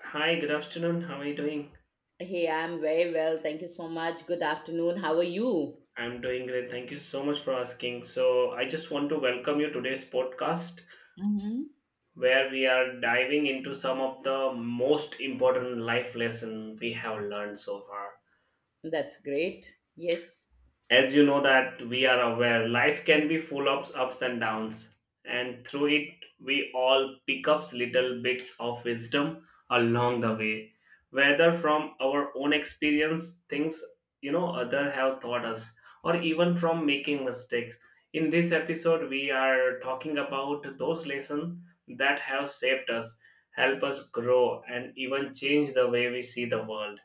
Hi, good afternoon. How are you doing? Hey, I'm very well. Thank you so much. Good afternoon. How are you? I'm doing great. Thank you so much for asking. I just want to welcome you to today's podcast Mm-hmm. where we are diving into some of the most important life lesson we have learned so far. That's great. Yes. As you know that we are aware life can be full of ups and downs, and through it we all pick up little bits of wisdom along the way, whether from our own experience things other have taught us, or even from making mistakes. In this episode we are talking about those lessons that have shaped us, help us grow, and even change the way we see the world,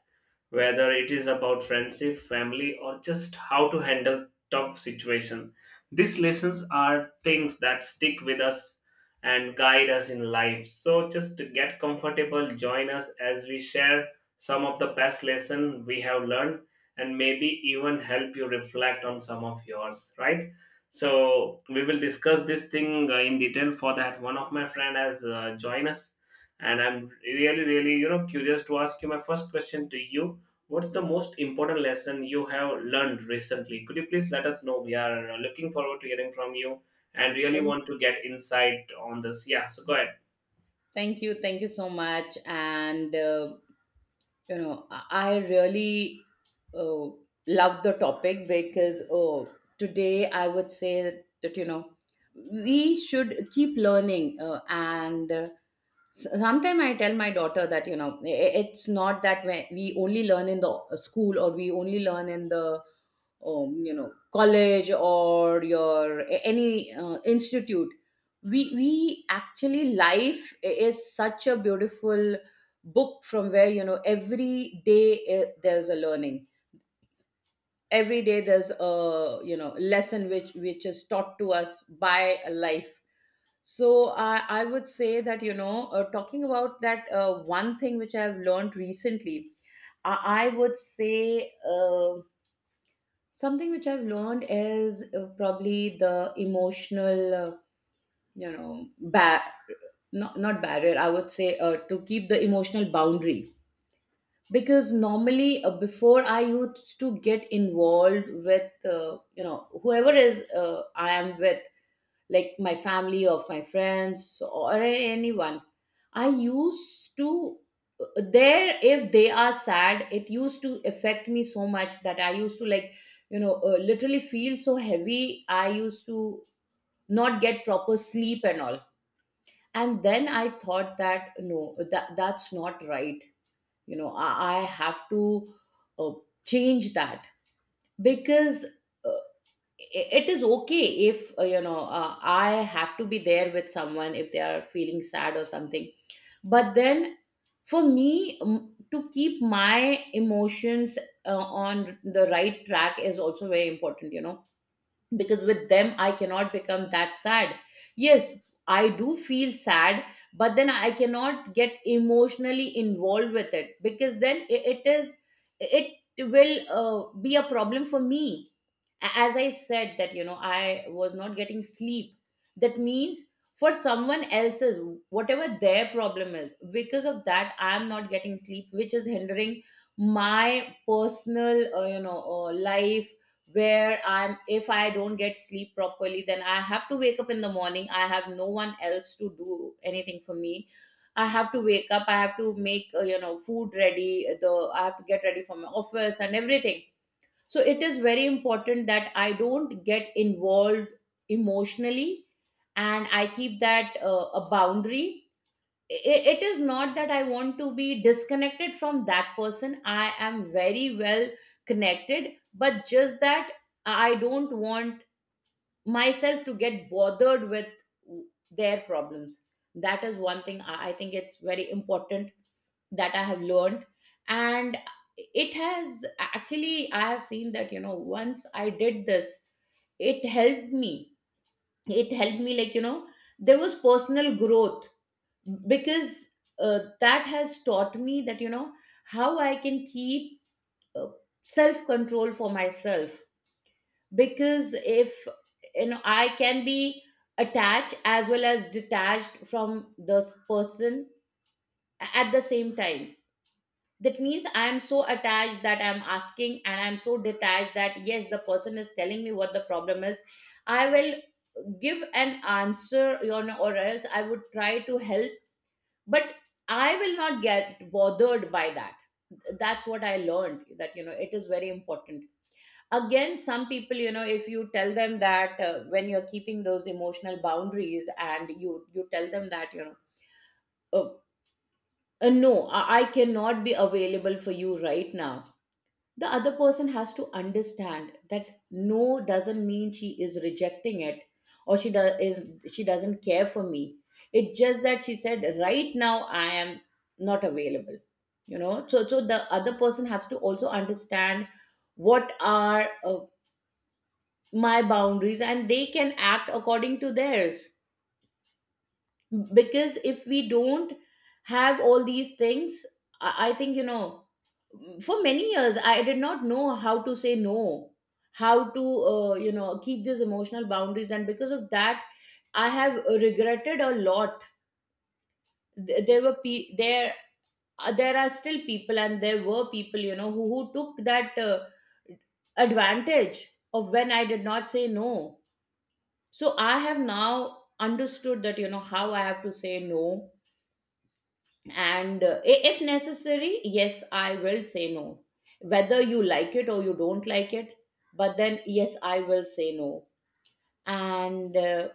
whether it is about friendship, family, or just how to handle tough situation. These lessons are things that stick with us and guide us in life. So just to get comfortable, join us as we share some of the best lesson we have learned and maybe even help you reflect on some of yours, right? So we will discuss this thing in detail. For that, one of my friend has joined us, and I'm really, really, curious to ask you my first question to you. What's the most important lesson you have learned recently? Could you please let us know? We are looking forward to hearing from you and really Oh, want to get insight on this. Yeah, so go ahead. thank you. Thank you so much. And, you know, I really uh, love the topic. Because oh, today I would say that, you know, we should keep learning, and sometimes I tell my daughter that, you know, it's not that we only learn in the school, or we only learn in the you know college or your any institute. We actually, life is such a beautiful book from where, you know, every day there's a learning. Every day there's a, you know, lesson which is taught to us by life. So I would say that, you know, talking about that, one thing which I have learned recently, i, I would say, something which I've learned is probably the emotional, you know, not, not barrier, I would say, to keep the emotional boundary. Because normally, before, I used to get involved with, you know, whoever is, I am with, like my family or my friends or anyone. I used to, there, if they are sad, it used to affect me so much that I used to, like, you know, literally feel so heavy. I used to not get proper sleep and all. And then I thought that, no, that's not right. You know, I have to, uh, change that. Because it is okay if, you know, I have to be there with someone if they are feeling sad or something. But then, for me, to keep my emotions on the right track is also very important, you know. Because with them I cannot become that sad. Yes, I do feel sad, but then I cannot get emotionally involved with it, because then it is, it will be a problem for me. As I said, that, you know, I was not getting sleep. That means, for someone else's, whatever their problem is, because of that I am not getting sleep, which is hindering my personal, you know, life. Where I'm, if I don't get sleep properly, then I have to wake up in the morning. I have no one else to do anything for me. I have to wake up, I have to make, you know, food ready. The I have to get ready for my office and everything. So it is very important that I don't get involved emotionally, and I keep that, a boundary. It is not that I want to be disconnected from that person. I am very well connected, but just that I don't want myself to get bothered with their problems. That is one thing I think it's very important that I have learned. And it has actually, I have seen that, you know, once I did this, it helped me. It helped me, like, you know, there was personal growth. Because that has taught me that, you know, how I can keep uh, self control for myself. Because if, you know, I can be attached as well as detached from this person at the same time. That means I'm so attached that I'm asking, and I'm so detached that, yes, the person is telling me what the problem is, I will give an answer, you know, or else I would try to help, but I will not get bothered by that. That's what I learned, that, you know, it is very important. Again, some people, you know, if you tell them that, when you're keeping those emotional boundaries and you tell them that, you know, oh, no, I cannot be available for you right now. The other person has to understand that no doesn't mean she is rejecting it, or she does is, she doesn't care for me. It's just that she said right now I am not available. You know, so so the other person has to also understand what are my boundaries, and they can act according to theirs. Because if we don't have all these things, I think, you know, for many years I did not know how to say no, how to, you know, keep these emotional boundaries. And because of that, I have regretted a lot. Th- there were pe- there there are still people, and there were people, you know, who took that, advantage of when I did not say no. So I have now understood that, you know, how I have to say no. And, if necessary, yes, I will say no, whether you like it or you don't like it. But then, yes, I will say no. And,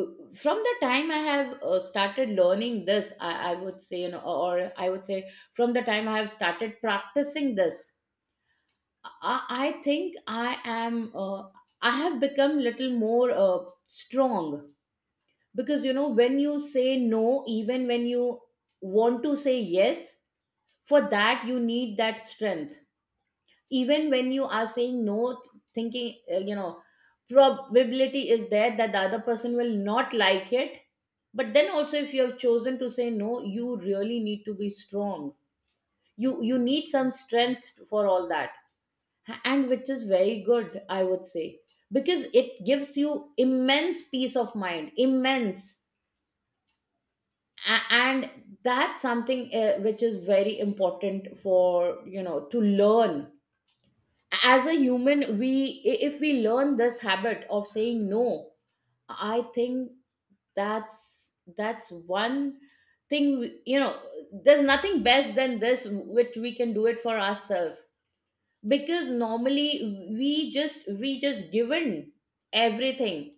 uh, from the time I have started learning this, I would say, you know, or I would say, from the time I have started practicing this, I think I have become little more strong. Because, you know, when you say no even when you want to say yes, for that you need that strength. Even when you are saying no, thinking, you know, probability is there that the other person will not like it. But then also, if you have chosen to say no, you really need to be strong. You need some strength for all that. And which is very good, I would say, because it gives you immense peace of mind, immense. And that's something, which is very important for, you know, to learn. As a human, we, if we learn this habit of saying no, I think that's one thing, you know, there's nothing best than this which we can do it for ourselves. Because normally, we just given everything.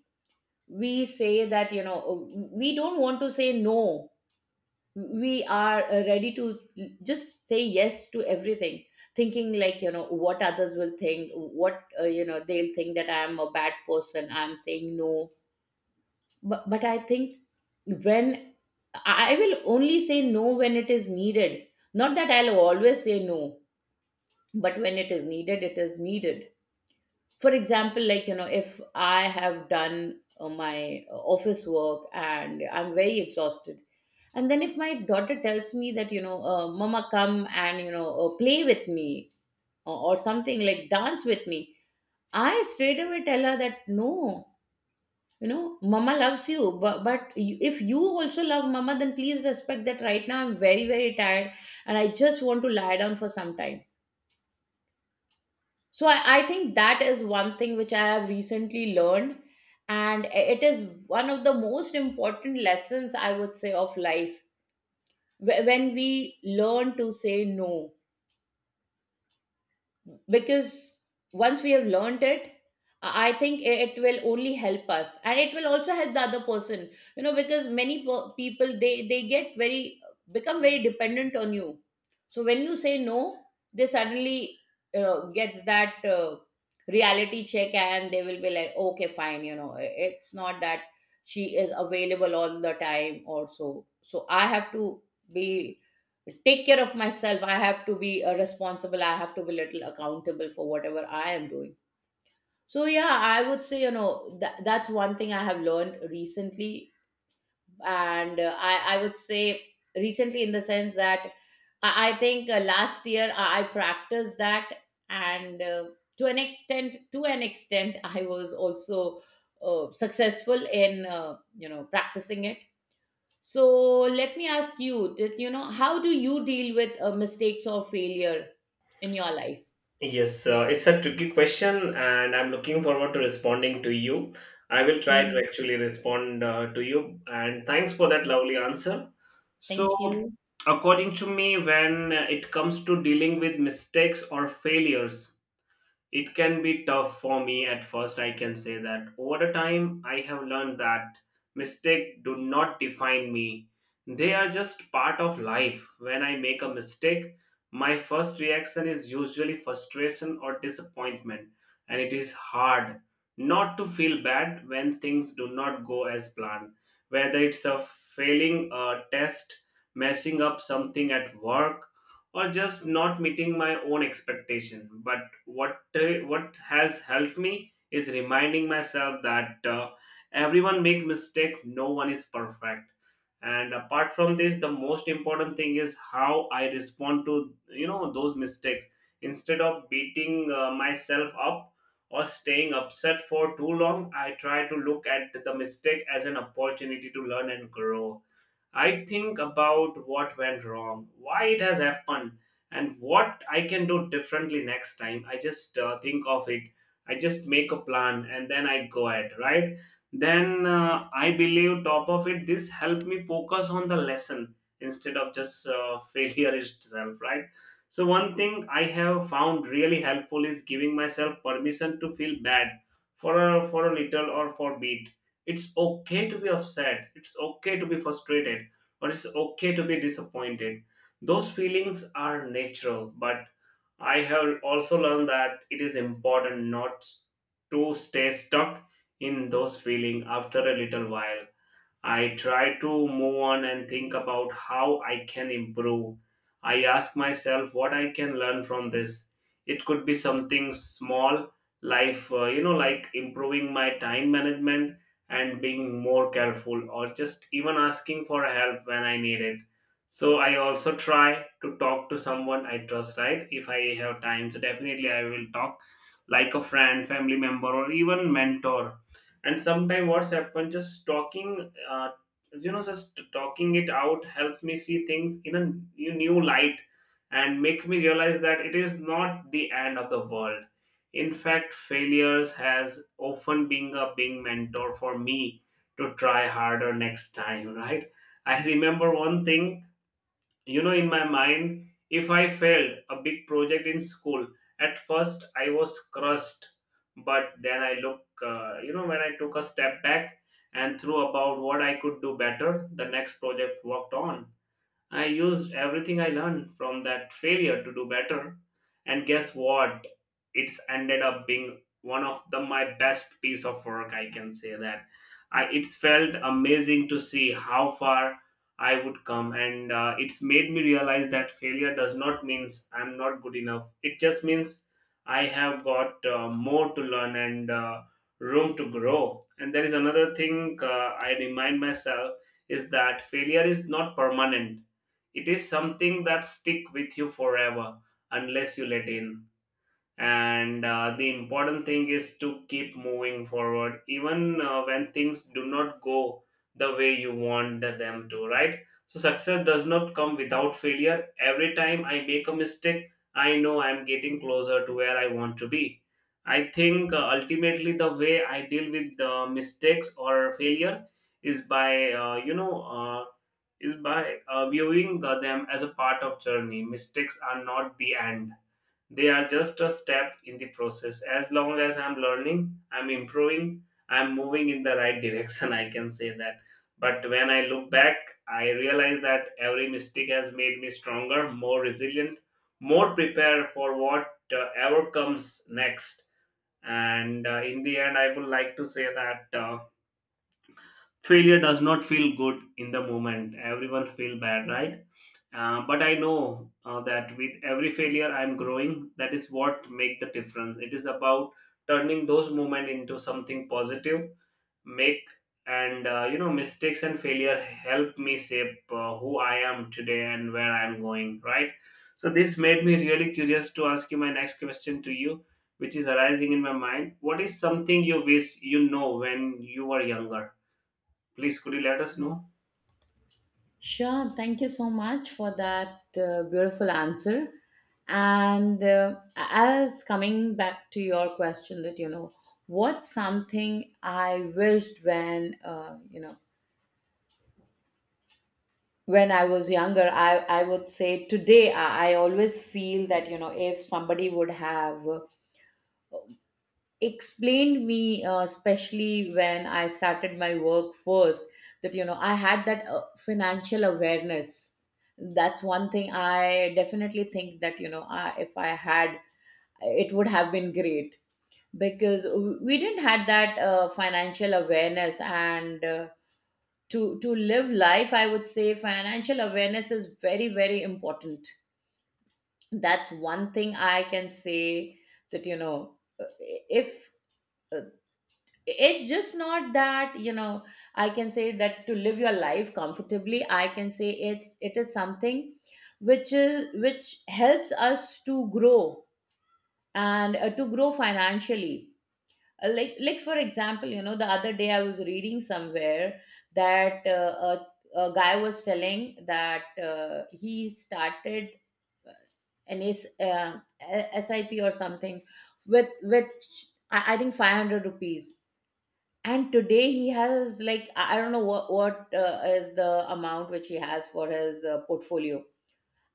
We say that, you know, we don't want to say no. We are, ready to just say yes to everything, thinking, like, you know, what others will think, what, you know, they'll think that I am a bad person, I'm saying no. But I think, when, I will only say no when it is needed, not that I'll always say no. But when it is needed, it is needed. For example, like, you know, if I have done my office work and I'm very exhausted, and then if my daughter tells me that, you know, Mama, come and, you know, play with me, or something, like, dance with me, I straight away tell her that, no, you know, Mama loves you. But if you also love Mama, then please respect that right now I'm very, very tired and I just want to lie down for some time. So, I think that is one thing which I have recently learned. And it is one of the most important lessons, I would say, of life. When we learn to say no. Because once we have learned it, I think it will only help us, and it will also help the other person. You know, because many people, they get very, become very dependent on you. So when you say no, they suddenly, you know, gets that reality check, and they will be like, okay, fine, you know, it's not that she is available all the time or so. So I have to be, take care of myself, I have to be responsible, I have to be little accountable for whatever I am doing. So, yeah, I would say, you know, that's one thing I have learned recently. And, I would say, recently in the sense that, I think, last year I practiced that. And, to an extent I was also successful in, you know, practicing it. So let me ask you that, you know, how do you deal with mistakes or failure in your life? Yes, it's a tricky question, and I'm looking forward to responding to you. I will try to Mhm. actually respond to you, and thanks for that lovely answer. So, Thank you. according to me, when it comes to dealing with mistakes or failures, it can be tough for me at first. I can say that over the time I have learned that mistakes do not define me. They are just part of life. When I make a mistake, my first reaction is usually frustration or disappointment, and it is hard not to feel bad when things do not go as planned, whether it's a failing a test, messing up something at work, or just not meeting my own expectation. But what has helped me is reminding myself that everyone make mistake, no one is perfect. And apart from this, the most important thing is how I respond to those mistakes. Instead of beating myself up or staying upset for too long, I try to look at the mistake as an opportunity to learn and grow. I think about what went wrong, why it has happened, and what I can do differently next time. I just think of it. I just make a plan and then I go ahead, right? Then I believe, top of it, this helped me focus on the lesson instead of just failure itself, right? So, one thing I have found really helpful is giving myself permission to feel bad for a little or for a bit. It's okay to be upset, it's okay to be frustrated, or it's okay to be disappointed. Those feelings are natural, but I have also learned that it is important not to stay stuck in those feelings. After a little while, I try to move on and think about how I can improve. I ask myself what I can learn from this. It could be something small, life, like improving my time management and being more careful, or just even asking for help when I need it. So I also try to talk to someone I trust, right? If I have time, so definitely I will talk, like a friend, family member, or even mentor. And sometimes what's happened, just talking uh, just talking it out helps me see things in a new light and make me realize that it is not the end of the world. In fact, failures has often been a big mentor for me to try harder next time. Right. I remember one thing, you know, in my mind, if I failed a big project in school, at first I was crushed. But then I look when I took a step back and threw about what I could do better, the next project worked on, I used everything I learned from that failure to do better. And guess what? It's ended up being one of the my best piece of work. I can say that. I, it's felt amazing to see how far I would come, and it's made me realize that failure does not means I'm not good enough. It just means I have got more to learn and room to grow. And there is another thing I remind myself, is that failure is not permanent. It is something that stick with you forever unless you let in. And the important thing is to keep moving forward even when things do not go the way you want them to, right? So success does not come without failure. Every time I make a mistake, I know I'm getting closer to where I want to be. I think ultimately the way I deal with the mistakes or failure is by you know is by viewing them as a part of journey. Mistakes are not the end, they are just a step in the process. As long as I'm learning, I'm improving, I'm moving in the right direction. I can say that. But when I look back, I realize that every mistake has made me stronger, more resilient, more prepared for whatever comes next. And in the end, I would like to say that failure does not feel good in the moment, everyone feel bad, right? But I know that with every failure I'm growing, that is what make the difference. It is about turning those moments into something positive, make and mistakes and failure help me shape who I am today and where I am going. Right. So this made me really curious to ask you my next question to you, which is arising in my mind. What is something you wish you know when you were younger? Please could you let us know? Sure, thank you so much for that beautiful answer. And, as coming back to your question, that, you know, what's something I wished when, you know, when I was younger? I would say today I always feel that you know if somebody would have explained me especially when I started my work first, that you know I had that financial awareness. That's one thing I definitely think that you know I, if I had, it would have been great because we didn't had that financial awareness, and to live life, I would say financial awareness is very very important. That's one thing I can say. That you know if uh, it's just not that you know I can say that to live your life comfortably, I can say it's it is something which is which helps us to grow, and to grow financially. Like for example, you know, the other day I was reading somewhere that a guy was telling that he started uh, an S, uh, a SIP or something with I think 500 rupees, and today he has like I don't know what is the amount which he has for his portfolio.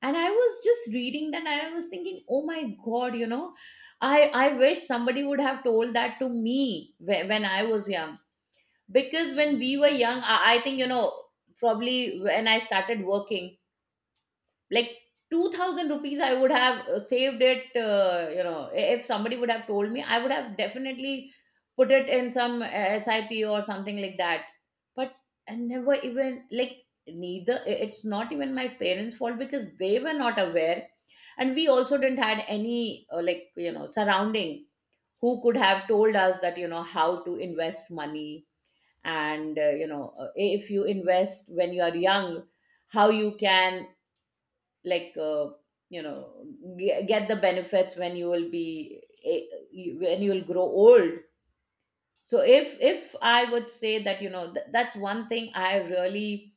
And I was just reading that, and I was thinking, oh my god, you know, i I wish somebody would have told that to me when I was young. Because when we were young, I think, you know, probably when I started working, like, 2000 rupees I would have saved it, you know, if somebody would have told me, I would have definitely put it in some sip or something like that. But I never even like, neither it's not even my parents fault because they were not aware, and we also didn't had any like, you know, surrounding who could have told us that you know how to invest money, and if you invest when you are young, how you can, like you know get the benefits when you will be when you will grow old. So if I would say that you know that's one thing I really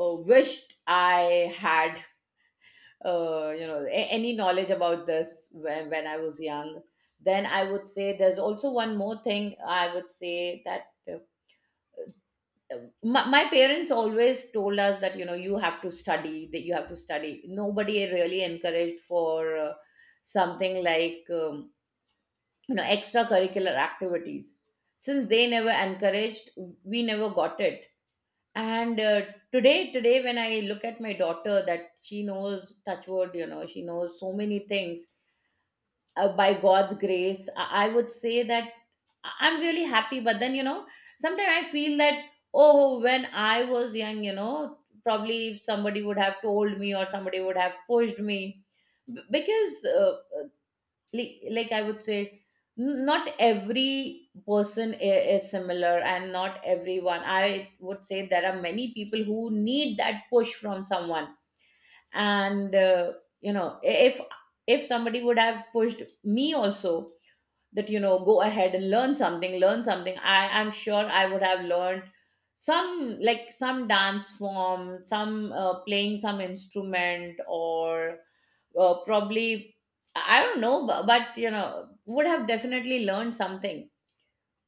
wished I had, you know, any knowledge about this when I was young. Then I would say there's also one more thing I would say, that my parents always told us that you know you have to study, that you have to study, nobody really encouraged for something like you know, extracurricular activities. Since they never encouraged, we never got it. And today today when I look at my daughter, that she knows touch word, you know, she knows so many things, by God's grace, I would say that I'm really happy. But then, you know, sometimes I feel that, oh, when I was young, you know, probably if somebody would have told me or somebody would have pushed me. Because, uh, like, I would say, not every person is similar and not everyone. I would say there are many people who need that push from someone. And, you know, if if somebody would have pushed me also, that you know, go ahead and learn something, learn something, I'm sure I would have learned some, like, some dance form, some playing some instrument, or probably I don't know, but you know, would have definitely learned something.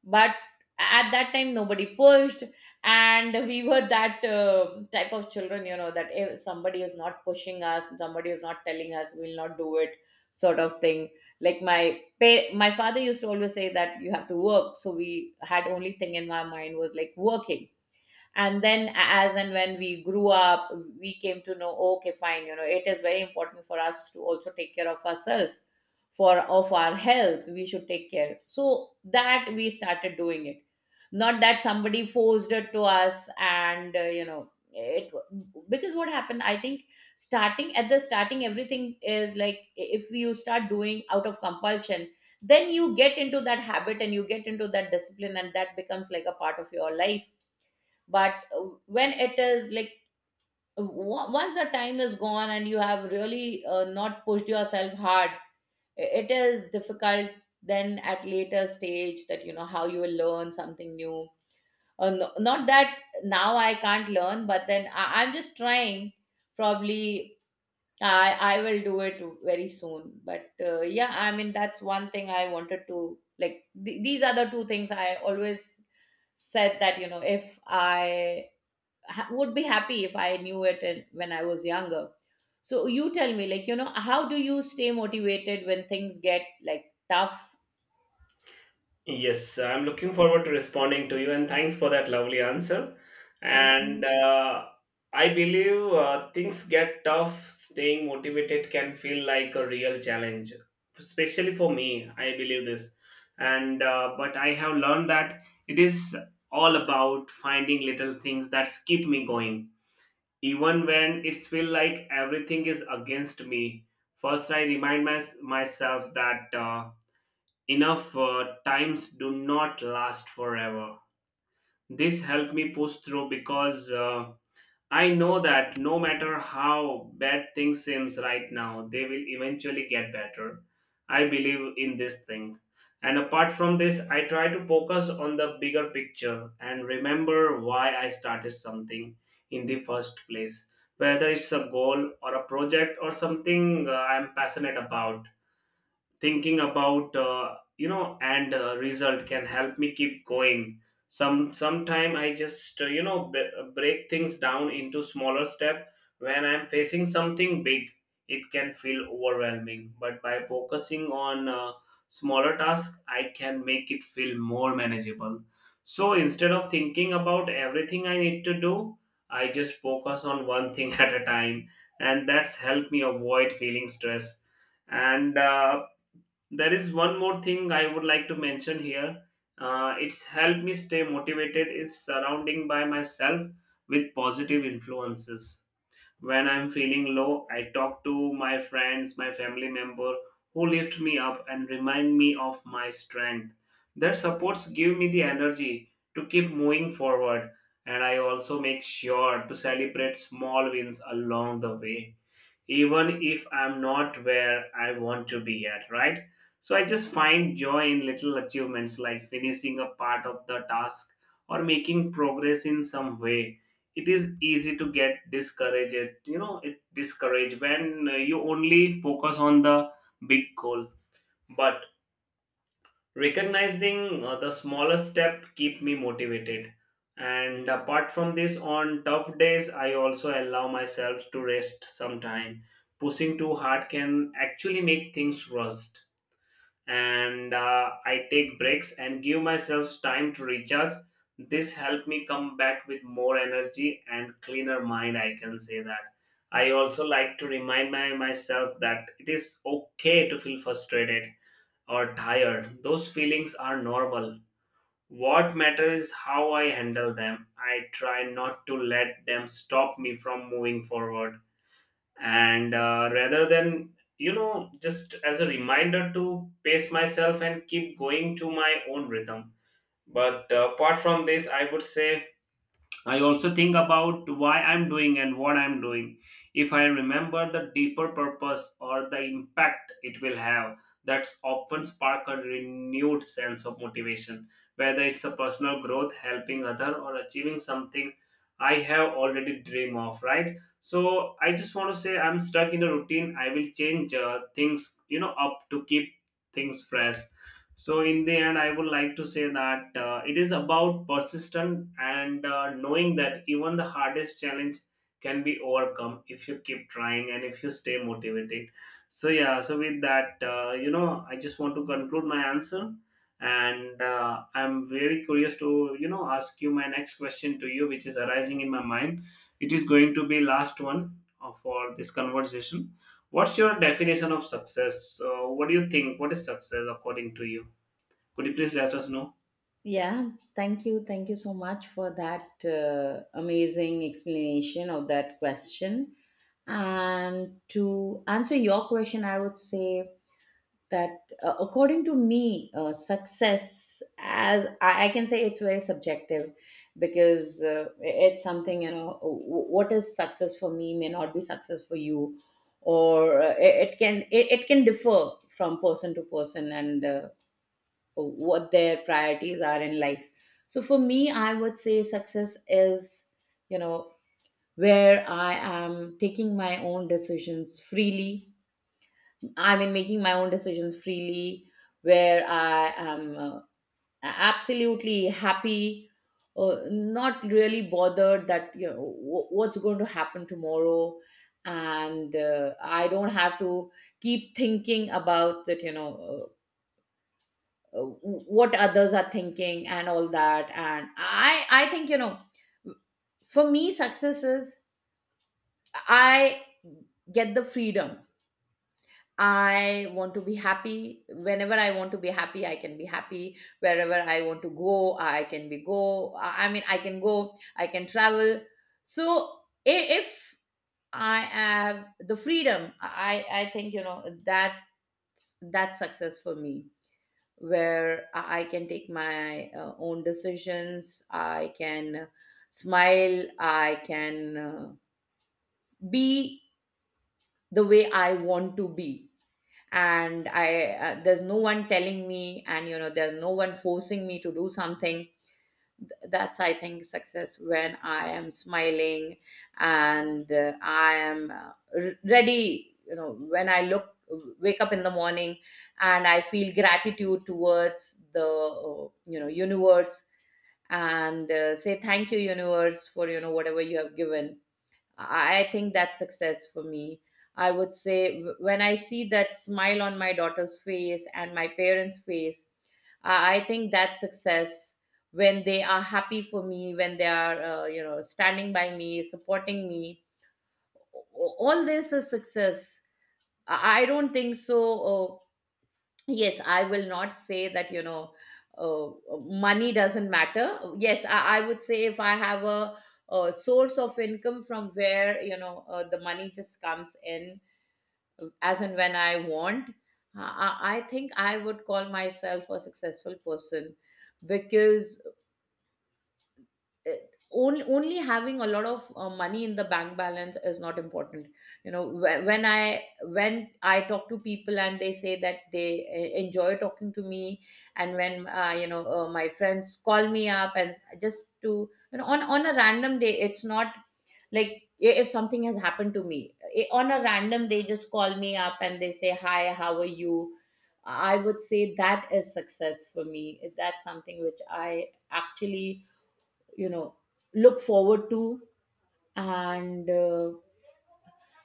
But at that time nobody pushed, and we were that type of children, you know, that if somebody is not pushing us, somebody is not telling us, we'll not do it, sort of thing. Like my father used to always say that you have to work, so we had only thing in our mind was like working. And then as and when we grew up, we came to know, okay fine, you know, it is very important for us to also take care of ourselves, for of our health we should take care, so that we started doing it. Not that somebody forced it to us and you know it. Because what happened, I think, starting at the starting, everything is like, if you start doing out of compulsion, then you get into that habit and you get into that discipline, and that becomes like a part of your life. But when it is like, once the time is gone and you have really not pushed yourself hard, it is difficult, then at later stage, that you know how you will learn something new. No, not that now I can't learn, but then I, I'm just trying. Probably I will do it very soon, but yeah, I mean, that's one thing I wanted to like, these are the two things I always said, that you know, if I would be happy if I knew it when I was younger. So you tell me, like, you know, how do you stay motivated when things get like tough? Yes, I'm looking forward to responding to you, and thanks for that lovely answer. Thank And you. I believe things get tough. Staying motivated can feel like a real challenge, especially for me. I believe this, and but I have learned that it is all about finding little things that keep me going, even when it feels like everything is against me. First, I remind myself that. Enough times do not last forever. This helped me push through because I know that no matter how bad things seems right now, they will eventually get better. I believe in this thing. And apart from this, I try to focus on the bigger picture and remember why I started something in the first place, whether it's a goal or a project or something I'm passionate about. Thinking about and result can help me keep going. Sometime I just break things down into smaller step. When I'm facing something big, it can feel overwhelming, but by focusing on smaller tasks, I can make it feel more manageable. So instead of thinking about everything I need to do, I just focus on one thing at a time, and that's helped me avoid feeling stressed. And there is one more thing I would like to mention here. It's helped me stay motivated is surrounding by myself with positive influences. When I'm feeling low, I talk to my friends, my family member, who lift me up and remind me of my strength. Their supports give me the energy to keep moving forward, and I also make sure to celebrate small wins along the way, even if I'm not where I want to be at, right? So I just find joy in little achievements, like finishing a part of the task or making progress in some way. It is easy to get discouraged, you know, it discouraged when you only focus on the big goal. But recognizing the smallest step keep me motivated. And apart from this, on tough days I also allow myself to rest sometime. Pushing too hard can actually make things rust, and I take breaks and give myself time to recharge. This help me come back with more energy and cleaner mind, I can say that. I also like to remind myself that it is okay to feel frustrated or tired. Those feelings are normal. What matters is how I handle them. I try not to let them stop me from moving forward. And rather than, you know, just as a reminder to pace myself and keep going to my own rhythm. But apart from this, I would say I also think about why I'm doing and what I'm doing. If I remember the deeper purpose or the impact it will have, that's often spark a renewed sense of motivation. Whether it's a personal growth, helping other, or achieving something I have already dream of, right? So I just want to say, I'm stuck in a routine. I will change things, you know, up to keep things fresh. So, in the end, I would like to say that it is about persistence and knowing that even the hardest challenge can be overcome if you keep trying and if you stay motivated. So, yeah, so with that, I just want to conclude my answer. And I'm very curious to, you know, ask you my next question to you, which is arising in my mind. It is going to be last one for this conversation. What's your definition of success? So, what do you think? What is success according to you? Could you please let us know? Yeah, thank you. Thank you so much for that amazing explanation of that question. And to answer your question, I would say that according to me, success, as I can say, it's very subjective because it's something, you know, what is success for me may not be success for you, or it can, it can differ from person to person, and what their priorities are in life. So for me, I would say success is, you know, where I am taking my own decisions freely. I mean, making my own decisions freely, where I am absolutely happy, not really bothered that you know what's going to happen tomorrow, and I don't have to keep thinking about that. You know, what others are thinking and all that. And I think, you know, for me, success is I get the freedom. I want to be happy. Whenever I want to be happy, I can be happy. Wherever I want to go, I can be go. I mean, I can go, I can travel. So if I have the freedom, I think, you know, that that's success for me, where I can take my own decisions. I can smile. I can be the way I want to be, and I there's no one telling me, and you know, there's no one forcing me to do something. That's, I think, success. When I am smiling and ready, you know, when I look wake up in the morning, and I feel gratitude towards the you know, universe, and say thank you universe for, you know, whatever you have given. I think that's success for me. I would say when I see that smile on my daughter's face and my parents' face, I think that's success, when they are happy for me, when they are, you know, standing by me, supporting me. All this is success. I don't think so. Uh, Yes, I will not say that, you know, money doesn't matter. Yes, I would say if I have a source of income from where, you know, the money just comes in as and when I want, I think I would call myself a successful person, because uh, only having a lot of money in the bank balance is not important. You know, when I talk to people and they say that they enjoy talking to me, and when my friends call me up, and just to, you know, on a random day, it's not like, if something has happened to me, on a random, they just call me up and they say hi, how are you, I would say that is success for me. That's something which I actually, you know, look forward to, and uh,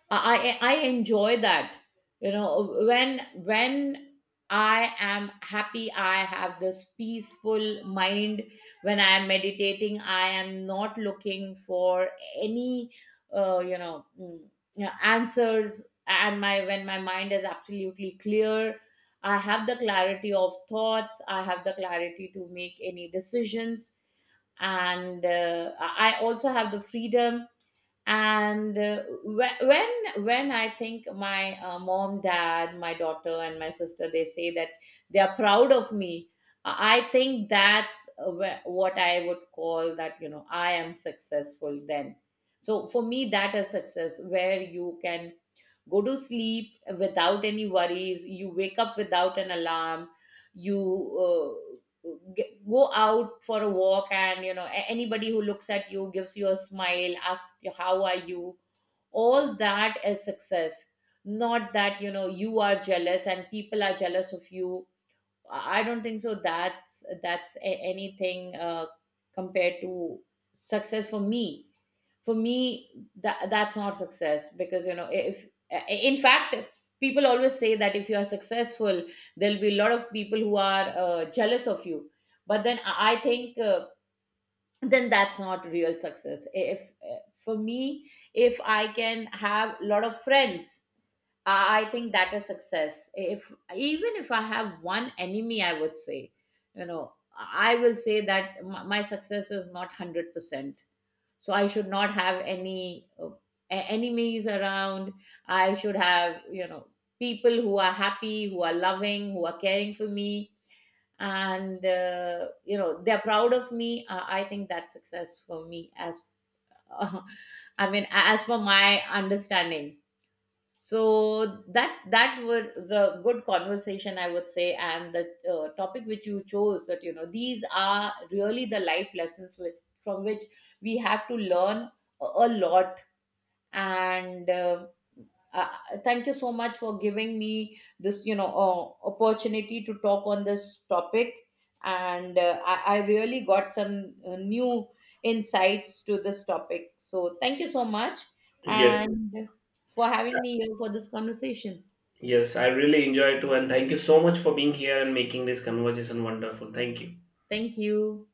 I, I I enjoy that, you know, when I am happy, I have this peaceful mind, when I am meditating, I am not looking for any uh, you know mm, yeah, answers. And my when my mind is absolutely clear, I have the clarity of thoughts, I have the clarity to make any decisions, and I also have the freedom. And whe- when I think my mom, dad, my daughter, and my sister, they say that they are proud of me, I think that's what I would call that, you know, I am successful then. So for me, that is success, where you can go to sleep without any worries, you wake up without an alarm, you uh, go out for a walk, and you know, anybody who looks at you gives you a smile, asks you how are you. All that is success. Not that you know you are jealous and people are jealous of you. I don't think so. That's anything compared to success for me. For me, that that's not success, because you know if, in fact, people always say that if you are successful, there'll be a lot of people who are jealous of you. But then I think then that's not real success. If for me, if I can have a lot of friends, I think that is success. If even if I have one enemy, I would say, you know, I will say that my success is not 100%. So I should not have any enemies around. I should have, you know, people who are happy, who are loving, who are caring for me, and you know, they're proud of me. I think that's success for me as. I mean, as per my understanding. So that that was a good conversation, I would say, and the topic which you chose, that you know, these are really the life lessons with, from which we have to learn a lot. And uh, thank you so much for giving me this, you know, opportunity to talk on this topic, and I really got some new insights to this topic. So thank you so much, Yes, and for having me here for this conversation. yes, I really enjoy it too, and thank you so much for being here and making this conversation wonderful. Thank you. Thank you.